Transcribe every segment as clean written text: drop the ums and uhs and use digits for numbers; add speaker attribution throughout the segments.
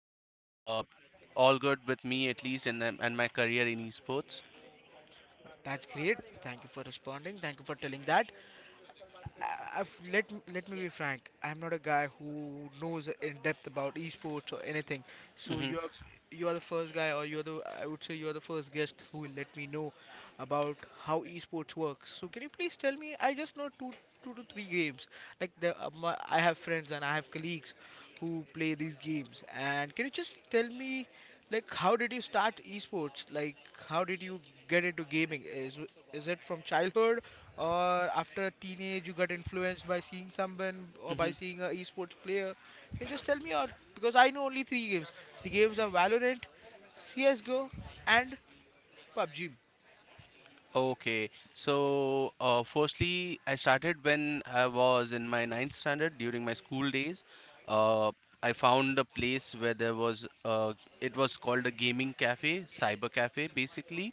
Speaker 1: Jeet. All good with me at least, and my career in esports.
Speaker 2: That's great. Thank you for responding. Thank you for telling that. Let me be frank. I'm not a guy who knows in depth about esports or anything. So
Speaker 1: Mm-hmm,
Speaker 2: you're you're the first guy, or you're the I would say you're the first guest who will let me know about how esports works. So can you please tell me? I just know two to three games. Like I have friends and I have colleagues who play these games. And can you just tell me, like, how did you start esports? Like, how did you get into gaming? Is it from childhood or after teenage you got influenced by seeing someone or by
Speaker 1: mm-hmm.
Speaker 2: seeing a esports player. Can you just tell me? Or because I know only three games. The games are Valorant, CSGO, and PUBG.
Speaker 1: Okay, so firstly, I started when I was in my ninth standard during my school days. Uh, I found a place where there was it was called a gaming cafe, cyber cafe, basically.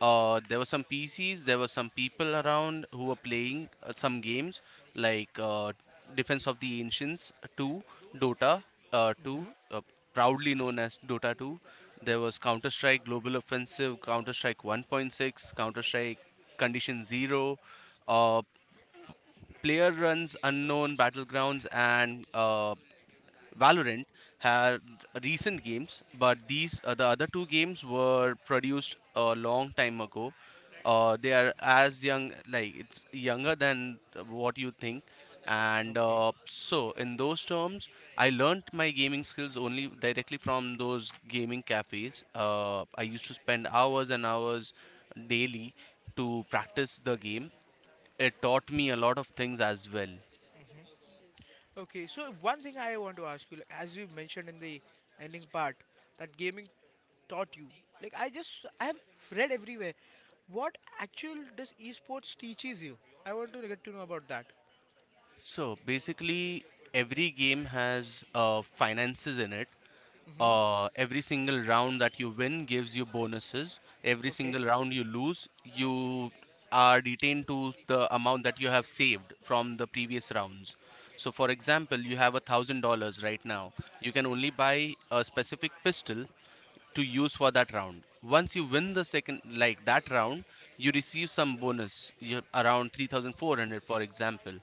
Speaker 1: There were some PCs, there were some people around who were playing some games like Defense of the Ancients 2, Dota 2,
Speaker 2: Hmm.
Speaker 1: proudly known as Dota 2. There was Counter Strike Global Offensive, Counter Strike 1.6, Counter Strike Condition Zero, uh, Player Runs Unknown Battlegrounds, and Valorant had recent games, but the other two games were produced a long time ago. They are as young, like it's younger than what you think. And
Speaker 2: Okay,
Speaker 1: so, in those terms, I learned my gaming skills only directly from those gaming cafes. I used to spend hours and hours daily to practice the game. It taught me a lot of things as well.
Speaker 2: okay, so one thing I want to ask you, like, as you mentioned in the ending part, that gaming taught you. Like, I have read everywhere, what actual does esports teaches you. I want to get to know about that.
Speaker 1: So basically, every game has finances in it.
Speaker 2: Hmm.
Speaker 1: Every single round that you win gives you bonuses. Every
Speaker 2: Okay.
Speaker 1: single round you lose, you are detained to the amount that you have saved from the previous rounds. So, for example, you have $1,000 right now. You can only buy a specific pistol to use for that round. Once you win the second, like that round, you receive some bonus around 3,400, for example.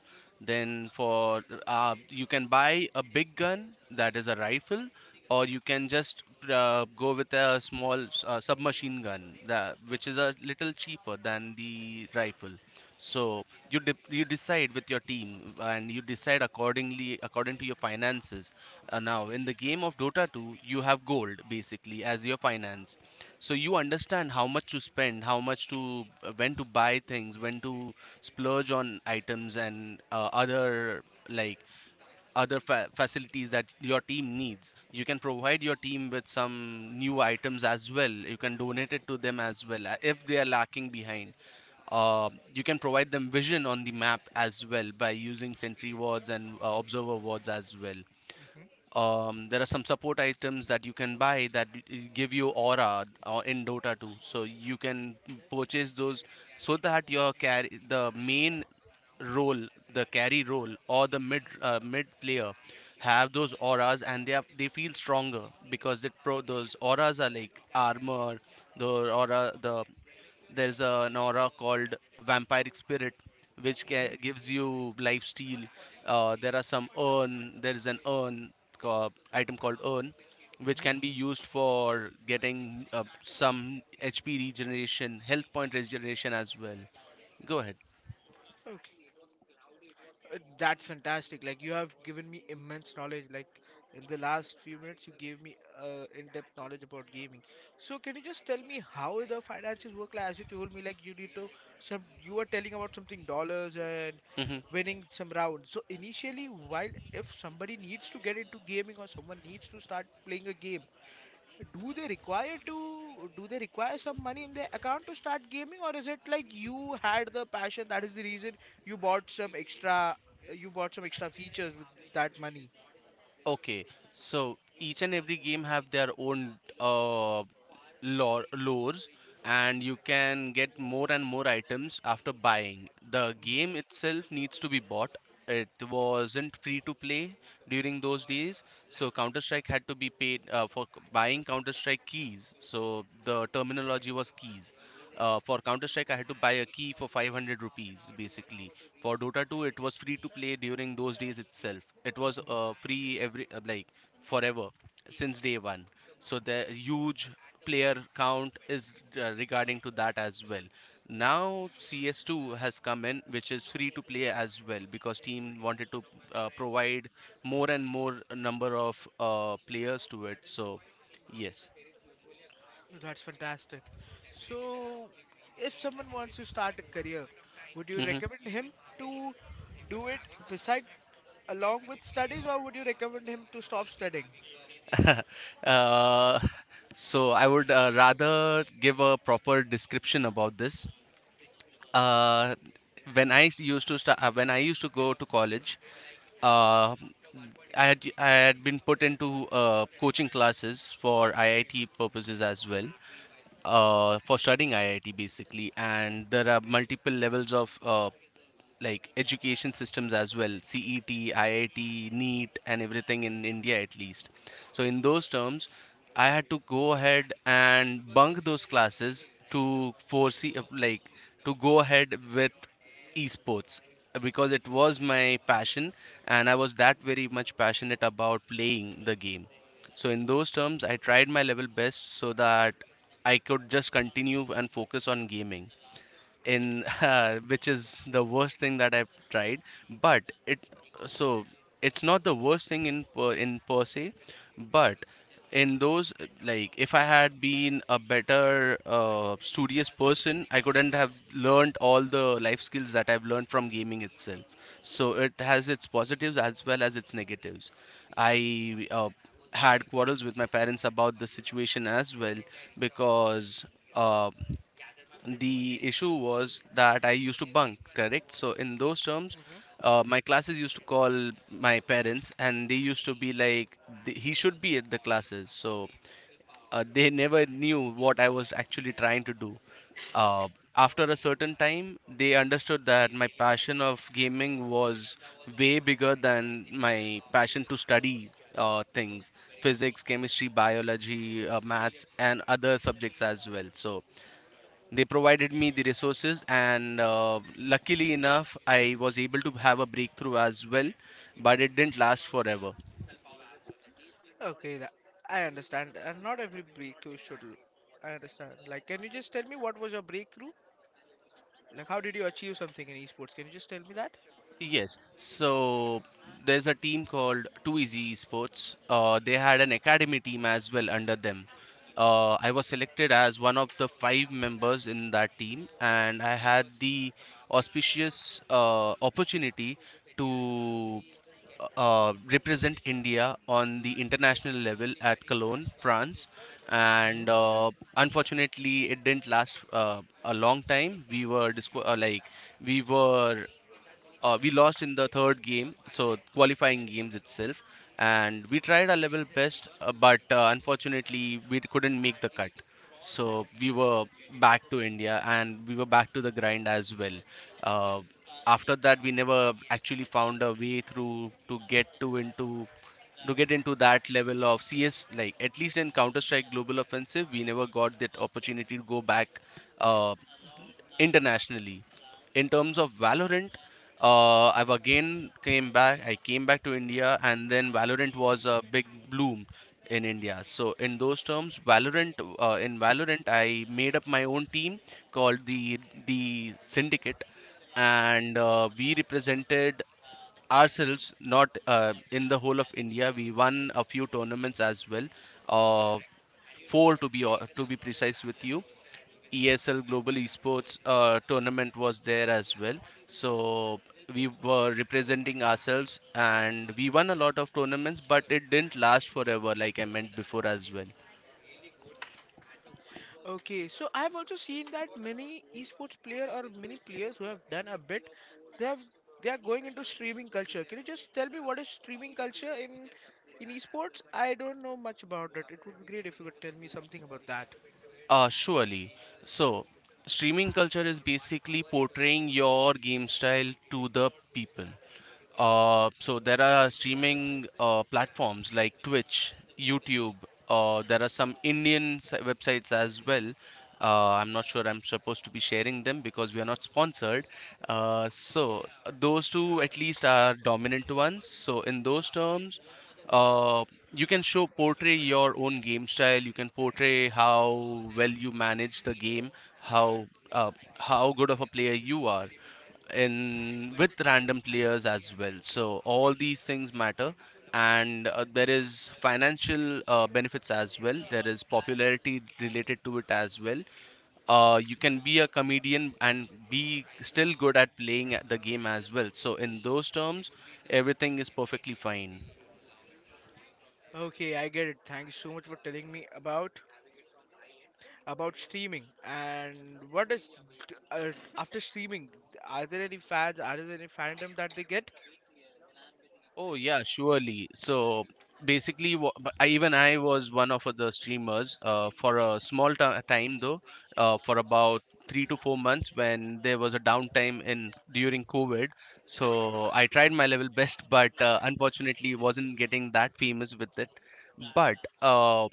Speaker 1: Then, for you can buy a big gun that is a rifle, or you can just go with a small submachine gun, which is a little cheaper than the rifle. So you decide with your team, and you decide accordingly according to your finances. Now in the game of Dota 2, you have gold basically as your finance. So you understand how much to spend, how much to when to buy things, when to splurge on items, and other like facilities that your team needs. You can provide your team with some new items as well. You can donate it to them as well, if they are lacking behind. You can provide them vision on the map as well by using sentry wards and observer wards as well.
Speaker 2: Hmm.
Speaker 1: There are some support items that you can buy that give you aura in Dota 2. So you can purchase those so that your carry, the main role, the carry role, or the mid player have those auras, and they feel stronger because that pro those auras are like armor. the aura the there's an aura called vampiric spirit, which
Speaker 2: Hmm.
Speaker 1: gives you life steal. There are some urn. There is an item called urn, which can be
Speaker 2: Hmm.
Speaker 1: used for getting some HP regeneration, health point regeneration as well. Go ahead.
Speaker 2: Okay. That's fantastic. Like you have given me immense knowledge. Like in the last few minutes, you gave me in-depth knowledge about gaming. So can you just tell me how the finances work? Like, as you told me, like, you need to some. You were telling about something dollars and
Speaker 1: Mm-hmm.
Speaker 2: winning some rounds. So initially, while if somebody needs to get into gaming or someone needs to start playing a game, do they require some money in their account to start gaming, or is it like you had the passion, that is the reason you bought some extra you bought some extra features with that money.
Speaker 1: Okay, so each and every game have their own lores, and you can get more and more items after buying. The game
Speaker 2: Mhm.
Speaker 1: itself needs to be bought. It wasn't free to play during those days, so Counter Strike had to be paid for buying Counter Strike keys. So the terminology was keys. For Counter Strike, I had to buy a key for 500 rupees basically. For Dota 2, it was free to play during those days itself. It was
Speaker 2: Mhm.
Speaker 1: free every like forever since day one. So the huge player count is regarding to that as well. Now CS2 has come in, which is free to play as well because team wanted to provide more and more number of players to it. So yes.
Speaker 2: That's fantastic. So, if someone wants to start a career, would you
Speaker 1: Hmm.
Speaker 2: recommend him to do it beside along with studies, or would you recommend him to stop studying?
Speaker 1: Uh, so I would rather give a proper description about this. uh, when I used to go to college, uh, I had been put into coaching classes for IIT purposes as well, for studying IIT basically. And there are multiple levels of like education systems as well, CET, IIT, NEAT, and everything in India, at least. So in those terms, I had to go ahead and bunk those classes to foresee, like, to go ahead with esports, because it was my passion, and I was that very much passionate about playing the game. So in those terms, I tried my level best so that I could just continue and focus on gaming in which is the worst thing that I've tried. But it so it's not the worst thing in per se, but in those like if I had been a better studious person, I couldn't have learned all the life skills that I've learned from gaming itself. So it has its positives as well as its negatives. I had quarrels with my parents about the situation as well because. Uh, the issue was that I used to bunk, correct? So in those terms, my classes used to call my parents, and they used to be like, "He should be at the classes." So they never knew what I was actually trying to do. Uh, after a certain time, they understood that my passion of gaming was way bigger than my passion to study things, physics, chemistry, biology, maths, and other subjects as well. So they provided me the resources, and luckily enough, I was able to have a breakthrough as well, but it didn't last forever.
Speaker 2: Okay, I understand. And not every breakthrough should. I understand. Like, can you just tell me what was your breakthrough? Like, how did you achieve something in esports? Can you just tell me that?
Speaker 1: Yes, so there's a team called Too Easy Esports. They had an academy team as well under them. I was selected as one of the five members in that team, and I had the auspicious opportunity to represent India on the international level at Cologne, France, and
Speaker 2: Hmm.
Speaker 1: unfortunately, it didn't last a long time. We were disqu- like we were We lost in the third game, so qualifying games itself, and we tried our level best, but unfortunately we couldn't make the cut. So we were back to India, and we were back to the grind as well. Uh, after that, we never actually found a way through to get into that level of CS. Like, at least in Counter Strike Global Offensive, we never got that opportunity to go back uh, internationally in terms of Valorant. I've again came back. I came back to India, and then Valorant was a big bloom in India. So in those terms, Valorant in Valorant, I made up my own team called the Syndicate, and we represented ourselves not in the whole of India. We won a few tournaments as well, uh, four to be precise with you. ESL Global Esports tournament was there as well. So we were representing ourselves, and we won a lot of tournaments, but it didn't last forever, like I meant before as well.
Speaker 2: Okay, so I've also seen that many esports player or many players who have done a bit, they have they are going into streaming culture. Can you just tell me what is streaming culture in esports? I don't know much about it. It would be great if you could tell me something about that.
Speaker 1: Surely. So streaming culture is basically portraying your game style to the people. So there are streaming platforms like Twitch, YouTube. There are some Indian websites as well. I'm not sure I'm supposed to be sharing them because we are not sponsored. So those two at least are dominant ones. So in those terms, uh, you can show portray your own game style. You can portray how well you manage the game, how uh, how good of a player you are in with random players as well. So all these things matter, and there is financial benefits as well. There is popularity related to it as well. You can be a comedian and be still good at playing the game as well. So in those terms, everything is perfectly fine.
Speaker 2: Okay, I get it. Thank you so much for telling me about streaming. And what is uh, after streaming, are there any fandom that they get?
Speaker 1: Oh yeah, surely. So basically, even I was one of the streamers for a small time though, for about 3 to 4 months when there was a downtime in during COVID. So I tried my level best, but unfortunately wasn't getting that famous with it. But uh,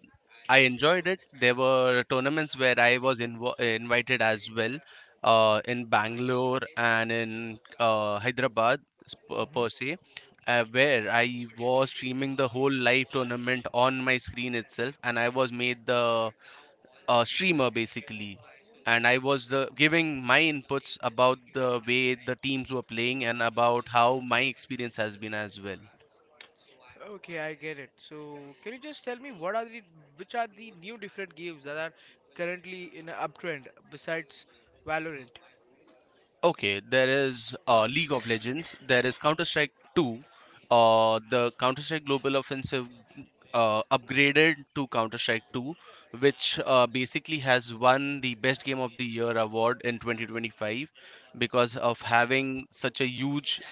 Speaker 1: I enjoyed it. There were tournaments where I was invited as well, in Bangalore and in Hyderabad, per
Speaker 2: Hmm.
Speaker 1: se, where I was streaming the whole live tournament on my screen itself, and I was made the streamer basically. And I was giving my inputs about the way the teams were playing and about how my experience has been as well.
Speaker 2: Okay, I get it. So can you just tell me what are the, new different games that are currently in an uptrend besides Valorant?
Speaker 1: Okay, there is League of Legends, there is Counter Strike 2, the Counter Strike Global Offensive upgraded to Counter Strike 2, which basically has won the Best Game of the Year award in 2025 because of having such a huge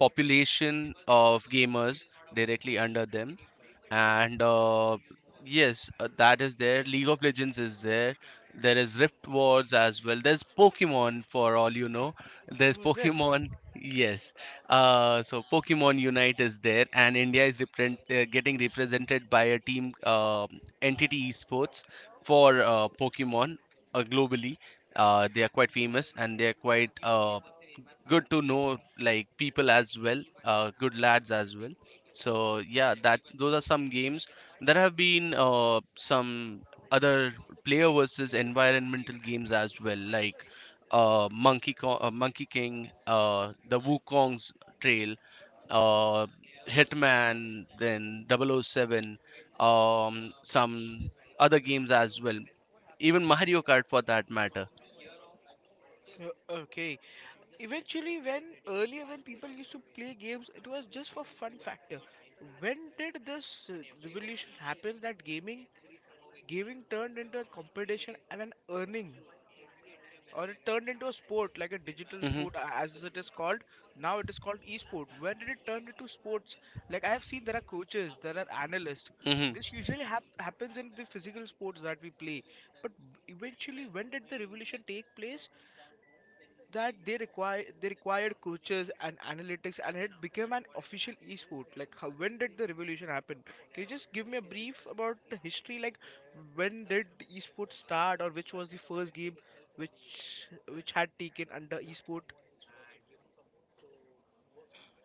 Speaker 1: population of gamers directly under them. And yes that is there, League of Legends is there, there is Rift Wars as well, there's Pokemon, for all you know there's
Speaker 2: Was it?
Speaker 1: Pokemon. Yes, so Pokemon Unite is there, and India is getting represented by a team, Entity Esports, for Pokemon globally. They are quite famous and they are quite good to know, like people as well, good lads as well. So yeah, that those are some games. There have been some other player versus environmental games as well, like Monkey King, the Wukong's Trail, uh, Hitman, then Double O Seven, some other games as well, even Mario Kart for that matter.
Speaker 2: Okay. Eventually, when earlier when people used to play games, it was just for fun factor. When did this uh, revolution happen, that gaming turned into a competition and an earning, or it turned into a sport, like a digital
Speaker 1: Hmm.
Speaker 2: sport, as it is called. Now it is called esport. When did it turn into sports? Like, I have seen there are coaches, there are analysts.
Speaker 1: Hmm.
Speaker 2: This usually happens in the physical sports that we play. But eventually, when did the revolution take place that they require, they required coaches and analytics, and it became an official esport? Like, how, when did the revolution happen? Can you just give me a brief about the history, like when did esports start or which was the first game which which had taken under esport?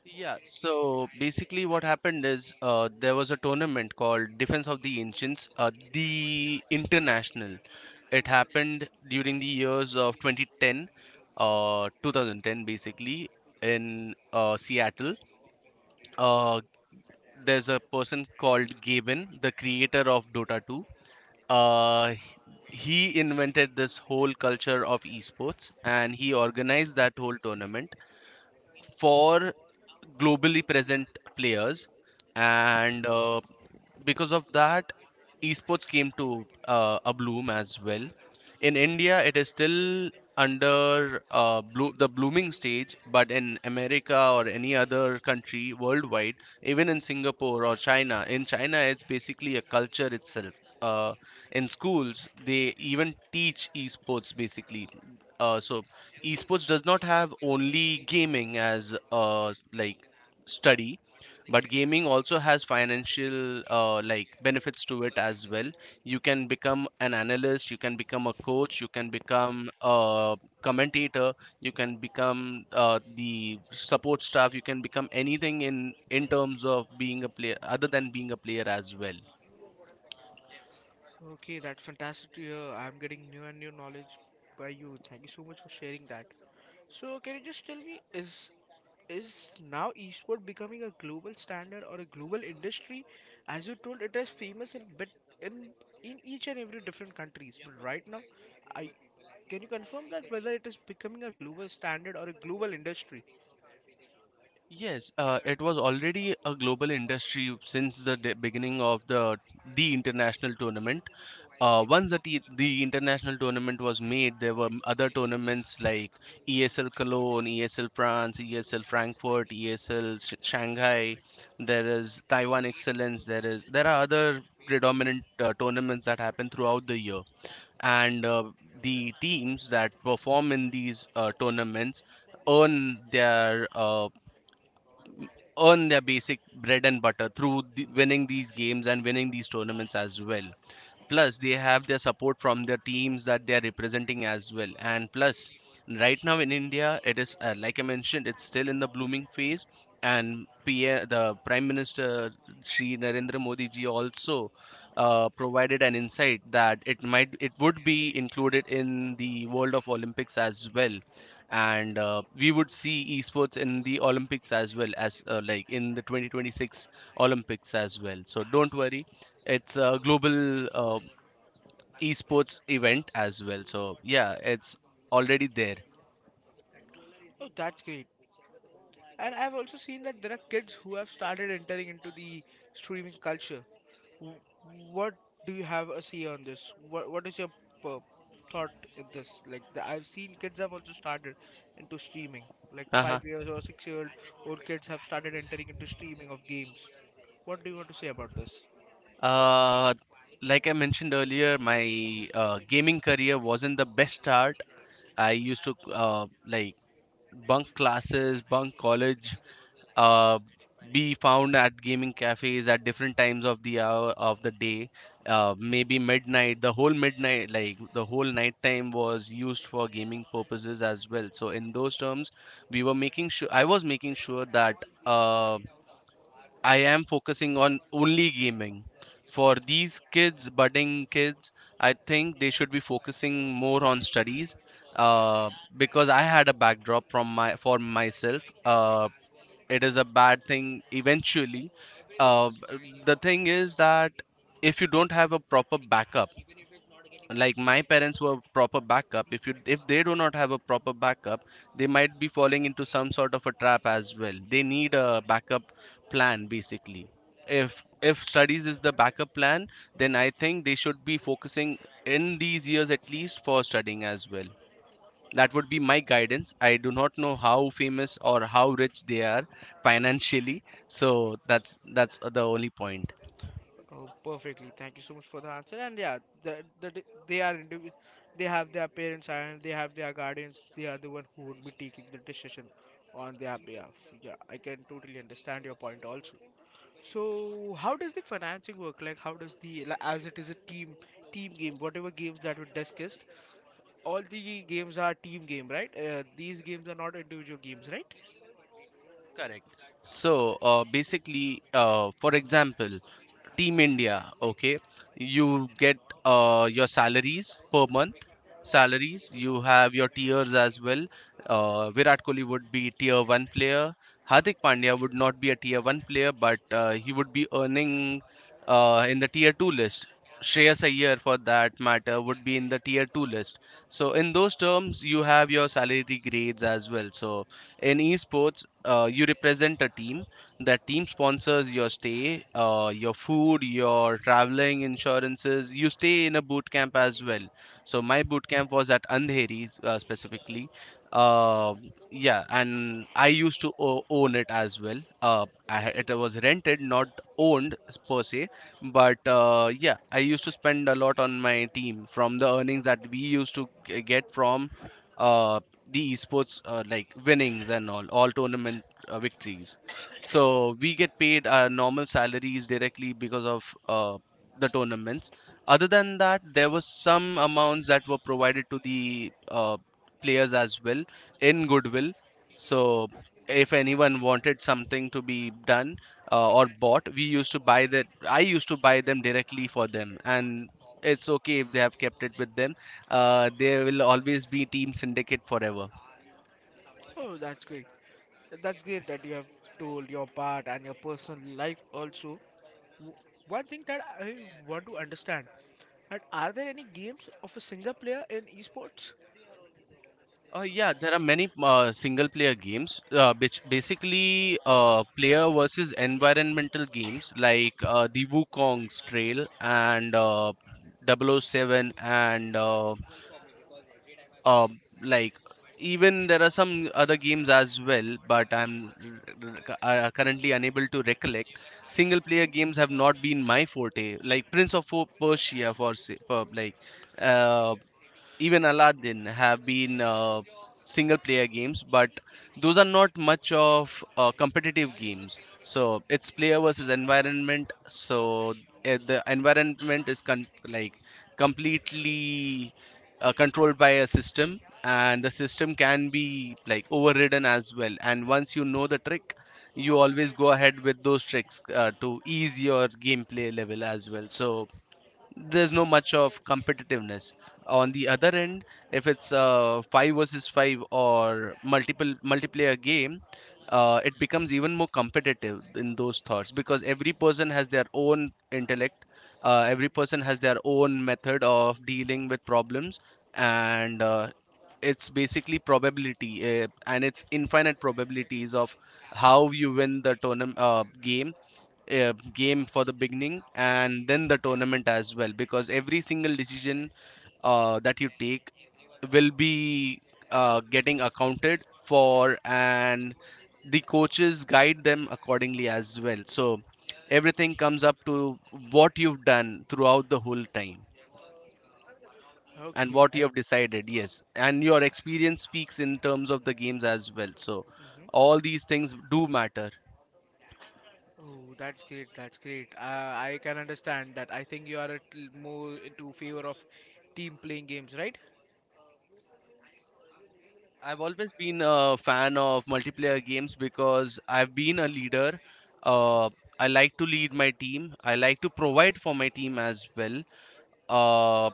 Speaker 1: Yeah, so basically what happened is, there was a tournament called Defense of the Ancients, the International. It happened during the years of 2010, basically, in Seattle. Uh, there's a person called Gaben, the creator of Dota 2. Uh, he invented this whole culture of esports, and he organized that whole tournament for globally present players. And because of that, esports came to a bloom as well. In India, it is still under the blooming stage, but in America or any other country worldwide, even in Singapore or China, in China it's basically a culture itself. uh, in schools, they even teach esports basically. So esports does not have only gaming as like study, but gaming also has financial like benefits to it as well. You can become an analyst, you can become a coach, you can become a commentator, you can become the support staff, you can become anything in terms of being a player, other than being a player as well.
Speaker 2: Okay, that's fantastic to hear. I'm getting new and new knowledge by you. Thank you so much for sharing that. So can you just tell me, is now esport becoming a global standard or a global industry? As you told, it is famous in bit in in each and every different countries. But right now, I can you confirm that whether it is becoming a global standard or a global industry?
Speaker 1: Yes, it was already a global industry since the beginning of the international tournament. Once the the international tournament was made, there were other tournaments like ESL Cologne, ESL France, ESL Frankfurt, ESL Shanghai. There is Taiwan Excellence. There are other predominant tournaments that happen throughout the year, and the teams that perform in these tournaments earn their uh, earn their basic bread and butter through the winning these games and winning these tournaments as well. Plus they have their support from the teams that they are representing as well, and plus right now in India, it is like I mentioned, it's still in the blooming phase. And PM, the prime minister Sri Narendra Modi ji, also provided an insight that it would be included in the world of Olympics as well, and we would see esports in the Olympics as well, as like in the 2026 Olympics as well, so don't worry. It's a global esports event as well, so yeah, it's already there.
Speaker 2: Oh, that's great. And I've also seen that there are kids who have started entering into the streaming culture. W- What do you have a say on this? What is your p- thought in this? Like I've seen kids have also started into streaming. Like
Speaker 1: Uh-huh.
Speaker 2: 5 years or 6 year old kids have started entering into streaming of games. What do you want to say about this?
Speaker 1: uh like I mentioned earlier, my gaming career wasn't the best start. I used to bunk classes, bunk college, uh, be found at gaming cafes at different times of the hour of the day. Maybe midnight, the whole midnight, like the whole night time was used for gaming purposes as well. So in those terms, we were making sure I was making sure that uh, I am focusing on only gaming. For these kids, budding kids, I think they should be focusing more on studies. Uh, because I had a backdrop from my for myself. It is a bad thing eventually. The thing is that if you don't have a proper backup, like my parents were proper backup, if you if they do not have a proper backup, they might be falling into some sort of a trap as well. They need a backup plan basically. If studies is the backup plan, then I think they should be focusing in these years at least for studying as well. That would be my guidance. I do not know how famous or how rich they are financially, so that's the only point.
Speaker 2: Oh, perfectly. Thank you so much for the answer. And yeah, the, the, the- they are indiv- they have their parents and they have their guardians. They are the one who would be taking the decision on their behalf. Yeah, I can totally understand your point also. So how does the financing work? Like, how does the like, as it is a team game, whatever games that we discussed, all the games are team game, right? These games are not individual games, right?
Speaker 1: Correct. So basically, for example, Team India, okay, you get your salaries per month, salaries. You have your tiers as well. Virat Kohli would be tier one player, Hardik Pandya would not be a tier one player, but he would be earning in the tier two list. Shreyas Iyer, for that matter, would be in the tier two list. So in those terms, you have your salary grades as well. So in esports, you represent a team. That team sponsors your stay, your food, your traveling, insurances. You stay in a boot camp as well. So my boot camp was at Andheri, specifically. uh, yeah, and I used to own it as well. It was rented, not owned per se, but yeah, I used to spend a lot on my team from the earnings that we used to get from uh, the esports, like winnings and all tournament victories. So we get paid our normal salaries directly because of the tournaments. Other than that, there were some amounts that were provided to the uh, players as well, in goodwill. So if anyone wanted something to be done or bought, we used to buy that. I used to buy them directly for them, and it's okay if they have kept it with them. There will always be team syndicate forever.
Speaker 2: Oh, that's great. That's great that you have told your part and your personal life also. W- One thing that I want to understand, that are there any games of a single player in esports?
Speaker 1: Yeah, there are many single player games, which basically player versus environmental games, like the Wukong's Trail and double oh 007, and uh, like even there are some other games as well, but I'm currently unable to recollect. Single player games have not been my forte, like Prince of Persia for, for like. uh, Even Aladdin have been single player games, but those are not much of competitive games. So it's player versus environment. So the environment is completely controlled by a system, and the system can be like overridden as well. And once you know the trick, you always go ahead with those tricks to ease your gameplay level as well. So there's no much of competitiveness on the other end. If it's a 5 versus 5 or multiple multiplayer game, it becomes even more competitive in those thoughts, because every person has their own intellect, every person has their own method of dealing with problems. And it's basically probability, and it's infinite probabilities of how you win the tournament game game for the beginning, and then the tournament as well, because every single decision that you take will be getting accounted for, and the coaches guide them accordingly as well. So everything comes up to what you've done throughout the whole time and
Speaker 2: Okay,
Speaker 1: what you
Speaker 2: I.
Speaker 1: have decided. Yes, and your experience speaks in terms of the games as well. So
Speaker 2: Mhm.
Speaker 1: all these things do matter.
Speaker 2: Oh, that's great. That's great. I can understand that. I think you are a little more into favor of team playing games, right?
Speaker 1: I've always been a fan of multiplayer games because I've been a leader. Uh, I like to lead my team. I like to provide for my team as well. Uh,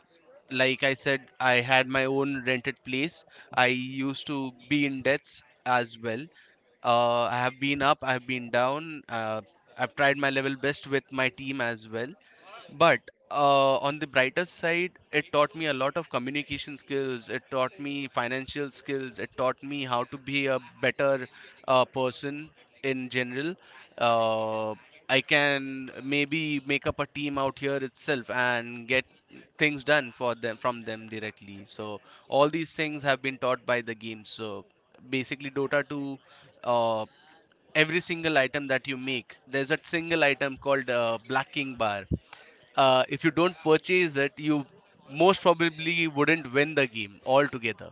Speaker 1: like I said, I had my own rented place. I used to be in debts as well. I have been up, I have been down. I've tried my level best with my team as well. But on the brighter side, it taught me a lot of communication skills. It taught me financial skills. It taught me how to be a better person in general. Uh, I can maybe make up a team out here itself and get things done for them from them directly. So all these things have been taught by the game. So basically, Dota 2, uh, every single item that you make, there's a single item called blacking bar. If you don't purchase it, you most probably wouldn't win the game altogether.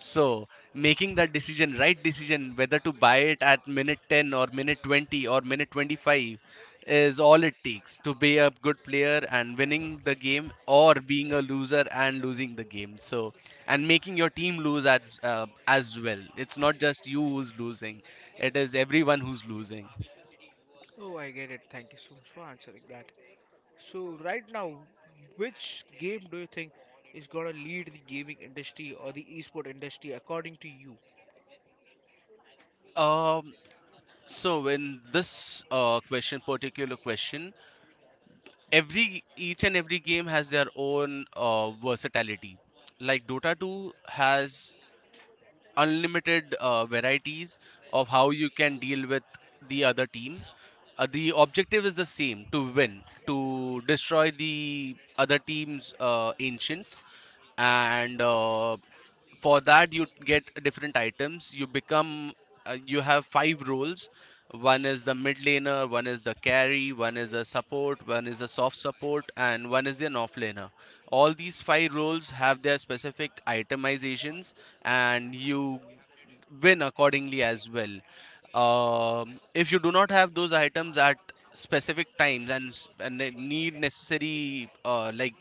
Speaker 1: So, making that decision, right decision, whether to buy it at minute 10 or minute 20 or minute 25, is all it takes to be a good player and winning the game, or being a loser and losing the game. So, and making your team lose as well. It's not just you who's losing, it is everyone who's losing.
Speaker 2: Oh, I get it. Thank you so much for answering that. So, right now, which game do you think is gonna lead the gaming industry or the esport industry according to you?
Speaker 1: Um So in this question, particular question, every each and every game has their own versatility. Like Dota 2 has unlimited varieties of how you can deal with the other team. The objective is the same, to win, to destroy the other team's ancients and for that you get different items. You become you have five roles. One is the mid laner, one is the carry, one is the support, one is the soft support, and one is the off laner. All these five roles have their specific itemizations, and you win accordingly as well. If you do not have those items at specific times and, and need necessary like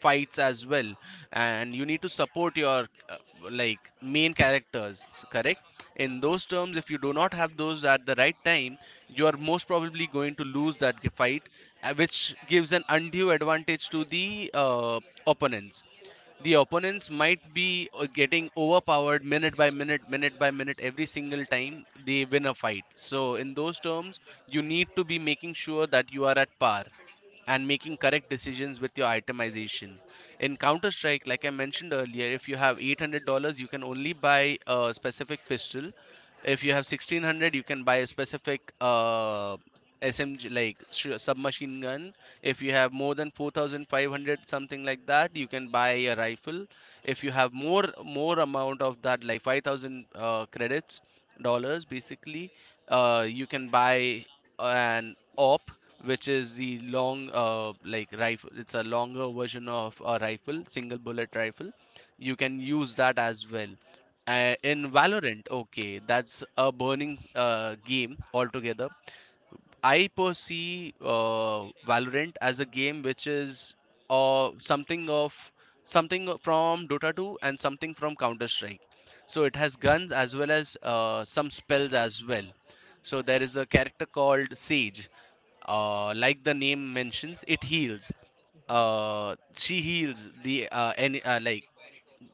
Speaker 1: fights as well, and you need to support your like main characters, correct, in those terms, if you do not have those at the right time, you are most probably going to lose that fight, which gives an undue advantage to the opponents. The opponents might be getting overpowered minute by minute, minute by minute, every single time they win a fight. So in those terms, you need to be making sure that you are at par and making correct decisions with your itemization. In Counter Strike, like I mentioned earlier, if you have $800, you can only buy a specific pistol. If you have 1600, you can buy a specific SMG, like submachine gun. If you have more than 4500, something like that, you can buy a rifle. If you have more amount of that, like 5000 credits, dollars, basically, you can buy an op, which is the long like rifle. It's a longer version of a rifle, single bullet rifle. You can use that as well. In valorant, okay, that's a burning game altogether. I perceive Valorant as a game which is uh, something of something from Dota 2 and something from Counter Strike. So it has guns as well as some spells as well. So there is a character called Sage. Like the name mentions, it heals.
Speaker 2: Hmm.
Speaker 1: She heals the like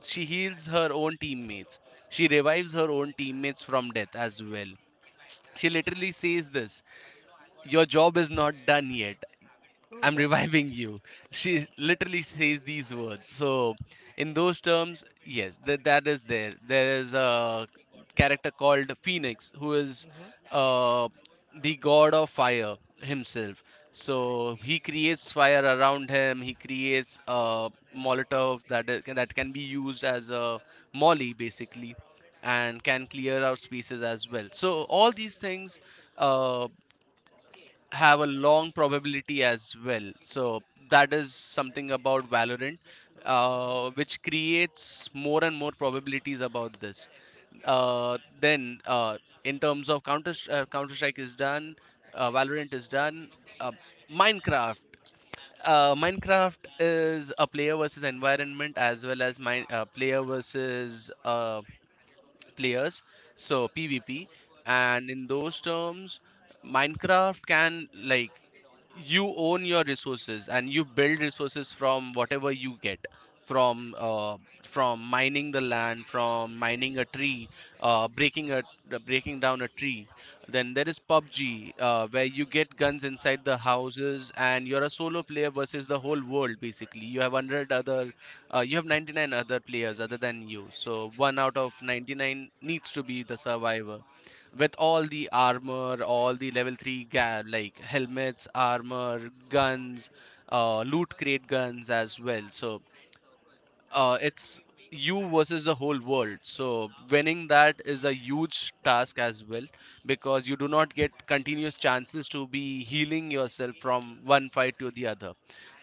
Speaker 1: she heals her own teammates. She revives her own teammates from death as well. She literally says this: your job is not done yet.
Speaker 2: Oh,
Speaker 1: I'm
Speaker 2: that's
Speaker 1: reviving
Speaker 2: great.
Speaker 1: you. She literally says these words. So, in those terms, yes, that is there. There is a character called Phoenix who is
Speaker 2: Hmm.
Speaker 1: uh, the god of fire himself. So he creates fire around him. He creates a Molotov that that can be used as a molly, basically, and can clear out spaces as well. So all these things Uh, have a long probability as well. So that is something about Valorant,
Speaker 2: Hmm.
Speaker 1: which creates more and more probabilities about this. Then In terms of Counter Strike is done, Valorant is done. Uh, Minecraft. Minecraft is a player versus environment as well as player versus players, so PvP. And in those terms, Minecraft, can like, you own your resources and you build resources from whatever you get from uh, from mining the land, from mining a tree, breaking a breaking down a tree. Then there is PUBG, where you get guns inside the houses, and you're a solo player versus the whole world. Basically you have 100 other uh, you have 99 other players other than you, so one out of 99 needs to be the survivor, with all the armor, all the level 3 like helmets, armor, guns, loot crate guns as well. So it's you versus the whole world. So winning that is a huge task as well, because you do not get continuous chances to be healing yourself from one fight to the other.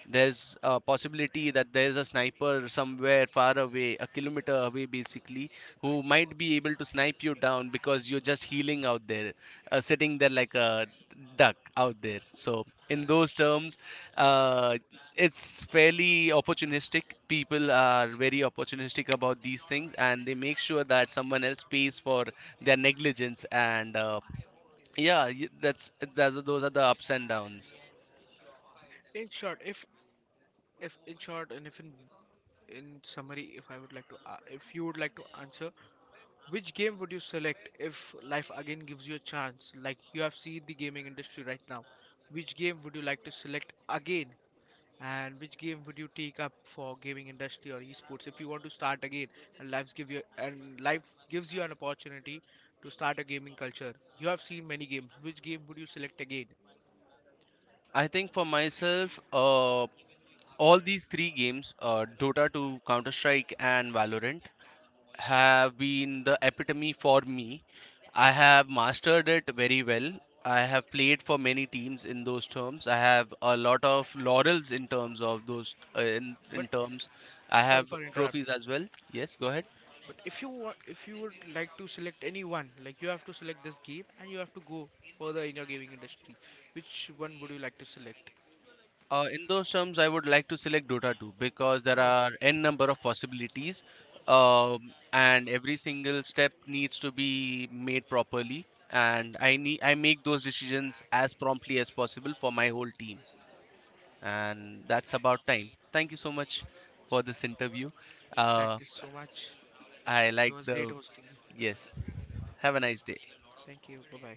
Speaker 1: There's a possibility that there's a sniper somewhere far away, a kilometer away basically, who might be able to snipe you down because you're just healing out there, sitting there like a duck out there. So in those terms, uh, it's fairly opportunistic. People are very opportunistic about these things, and they make sure that someone else pays for their negligence. And yeah, that's those are the ups and downs.
Speaker 2: In short, if in short, and if in summary, if I would like to, a if you would like to answer, which game would you select if life again gives you a chance? Like you have seen the gaming industry right now. Which game would you like to select again? And which game would you take up for gaming industry or esports if you want to start again and life gives you an opportunity to start a gaming culture? You have seen many games. Which game would you select again?
Speaker 1: I think for myself, all these three games, dota 2, counter strike, and valorant, have been the epitome for me. I have mastered it very well. I have played for many teams. In those terms, I have a lot of laurels in terms of those, in
Speaker 2: But,
Speaker 1: terms I
Speaker 2: sorry
Speaker 1: have
Speaker 2: for
Speaker 1: trophies
Speaker 2: interrupting.
Speaker 1: as well. Yes, go ahead.
Speaker 2: But if you want, if you would like to select any one, like, you have to select this game and you have to go further in your gaming industry, which one would you like to select?
Speaker 1: In those terms, I would like to select Dota 2, because there
Speaker 2: Oh,
Speaker 1: are n number of possibilities, and every single step needs to be made properly. And I make those decisions as promptly as possible for my whole team, and that's about time. Thank you so much for this interview.
Speaker 2: thank
Speaker 1: Uh,
Speaker 2: you so much.
Speaker 1: I
Speaker 2: It
Speaker 1: like
Speaker 2: was great
Speaker 1: the
Speaker 2: hosting you.
Speaker 1: yes. Have a nice day.
Speaker 2: Thank you. Bye bye.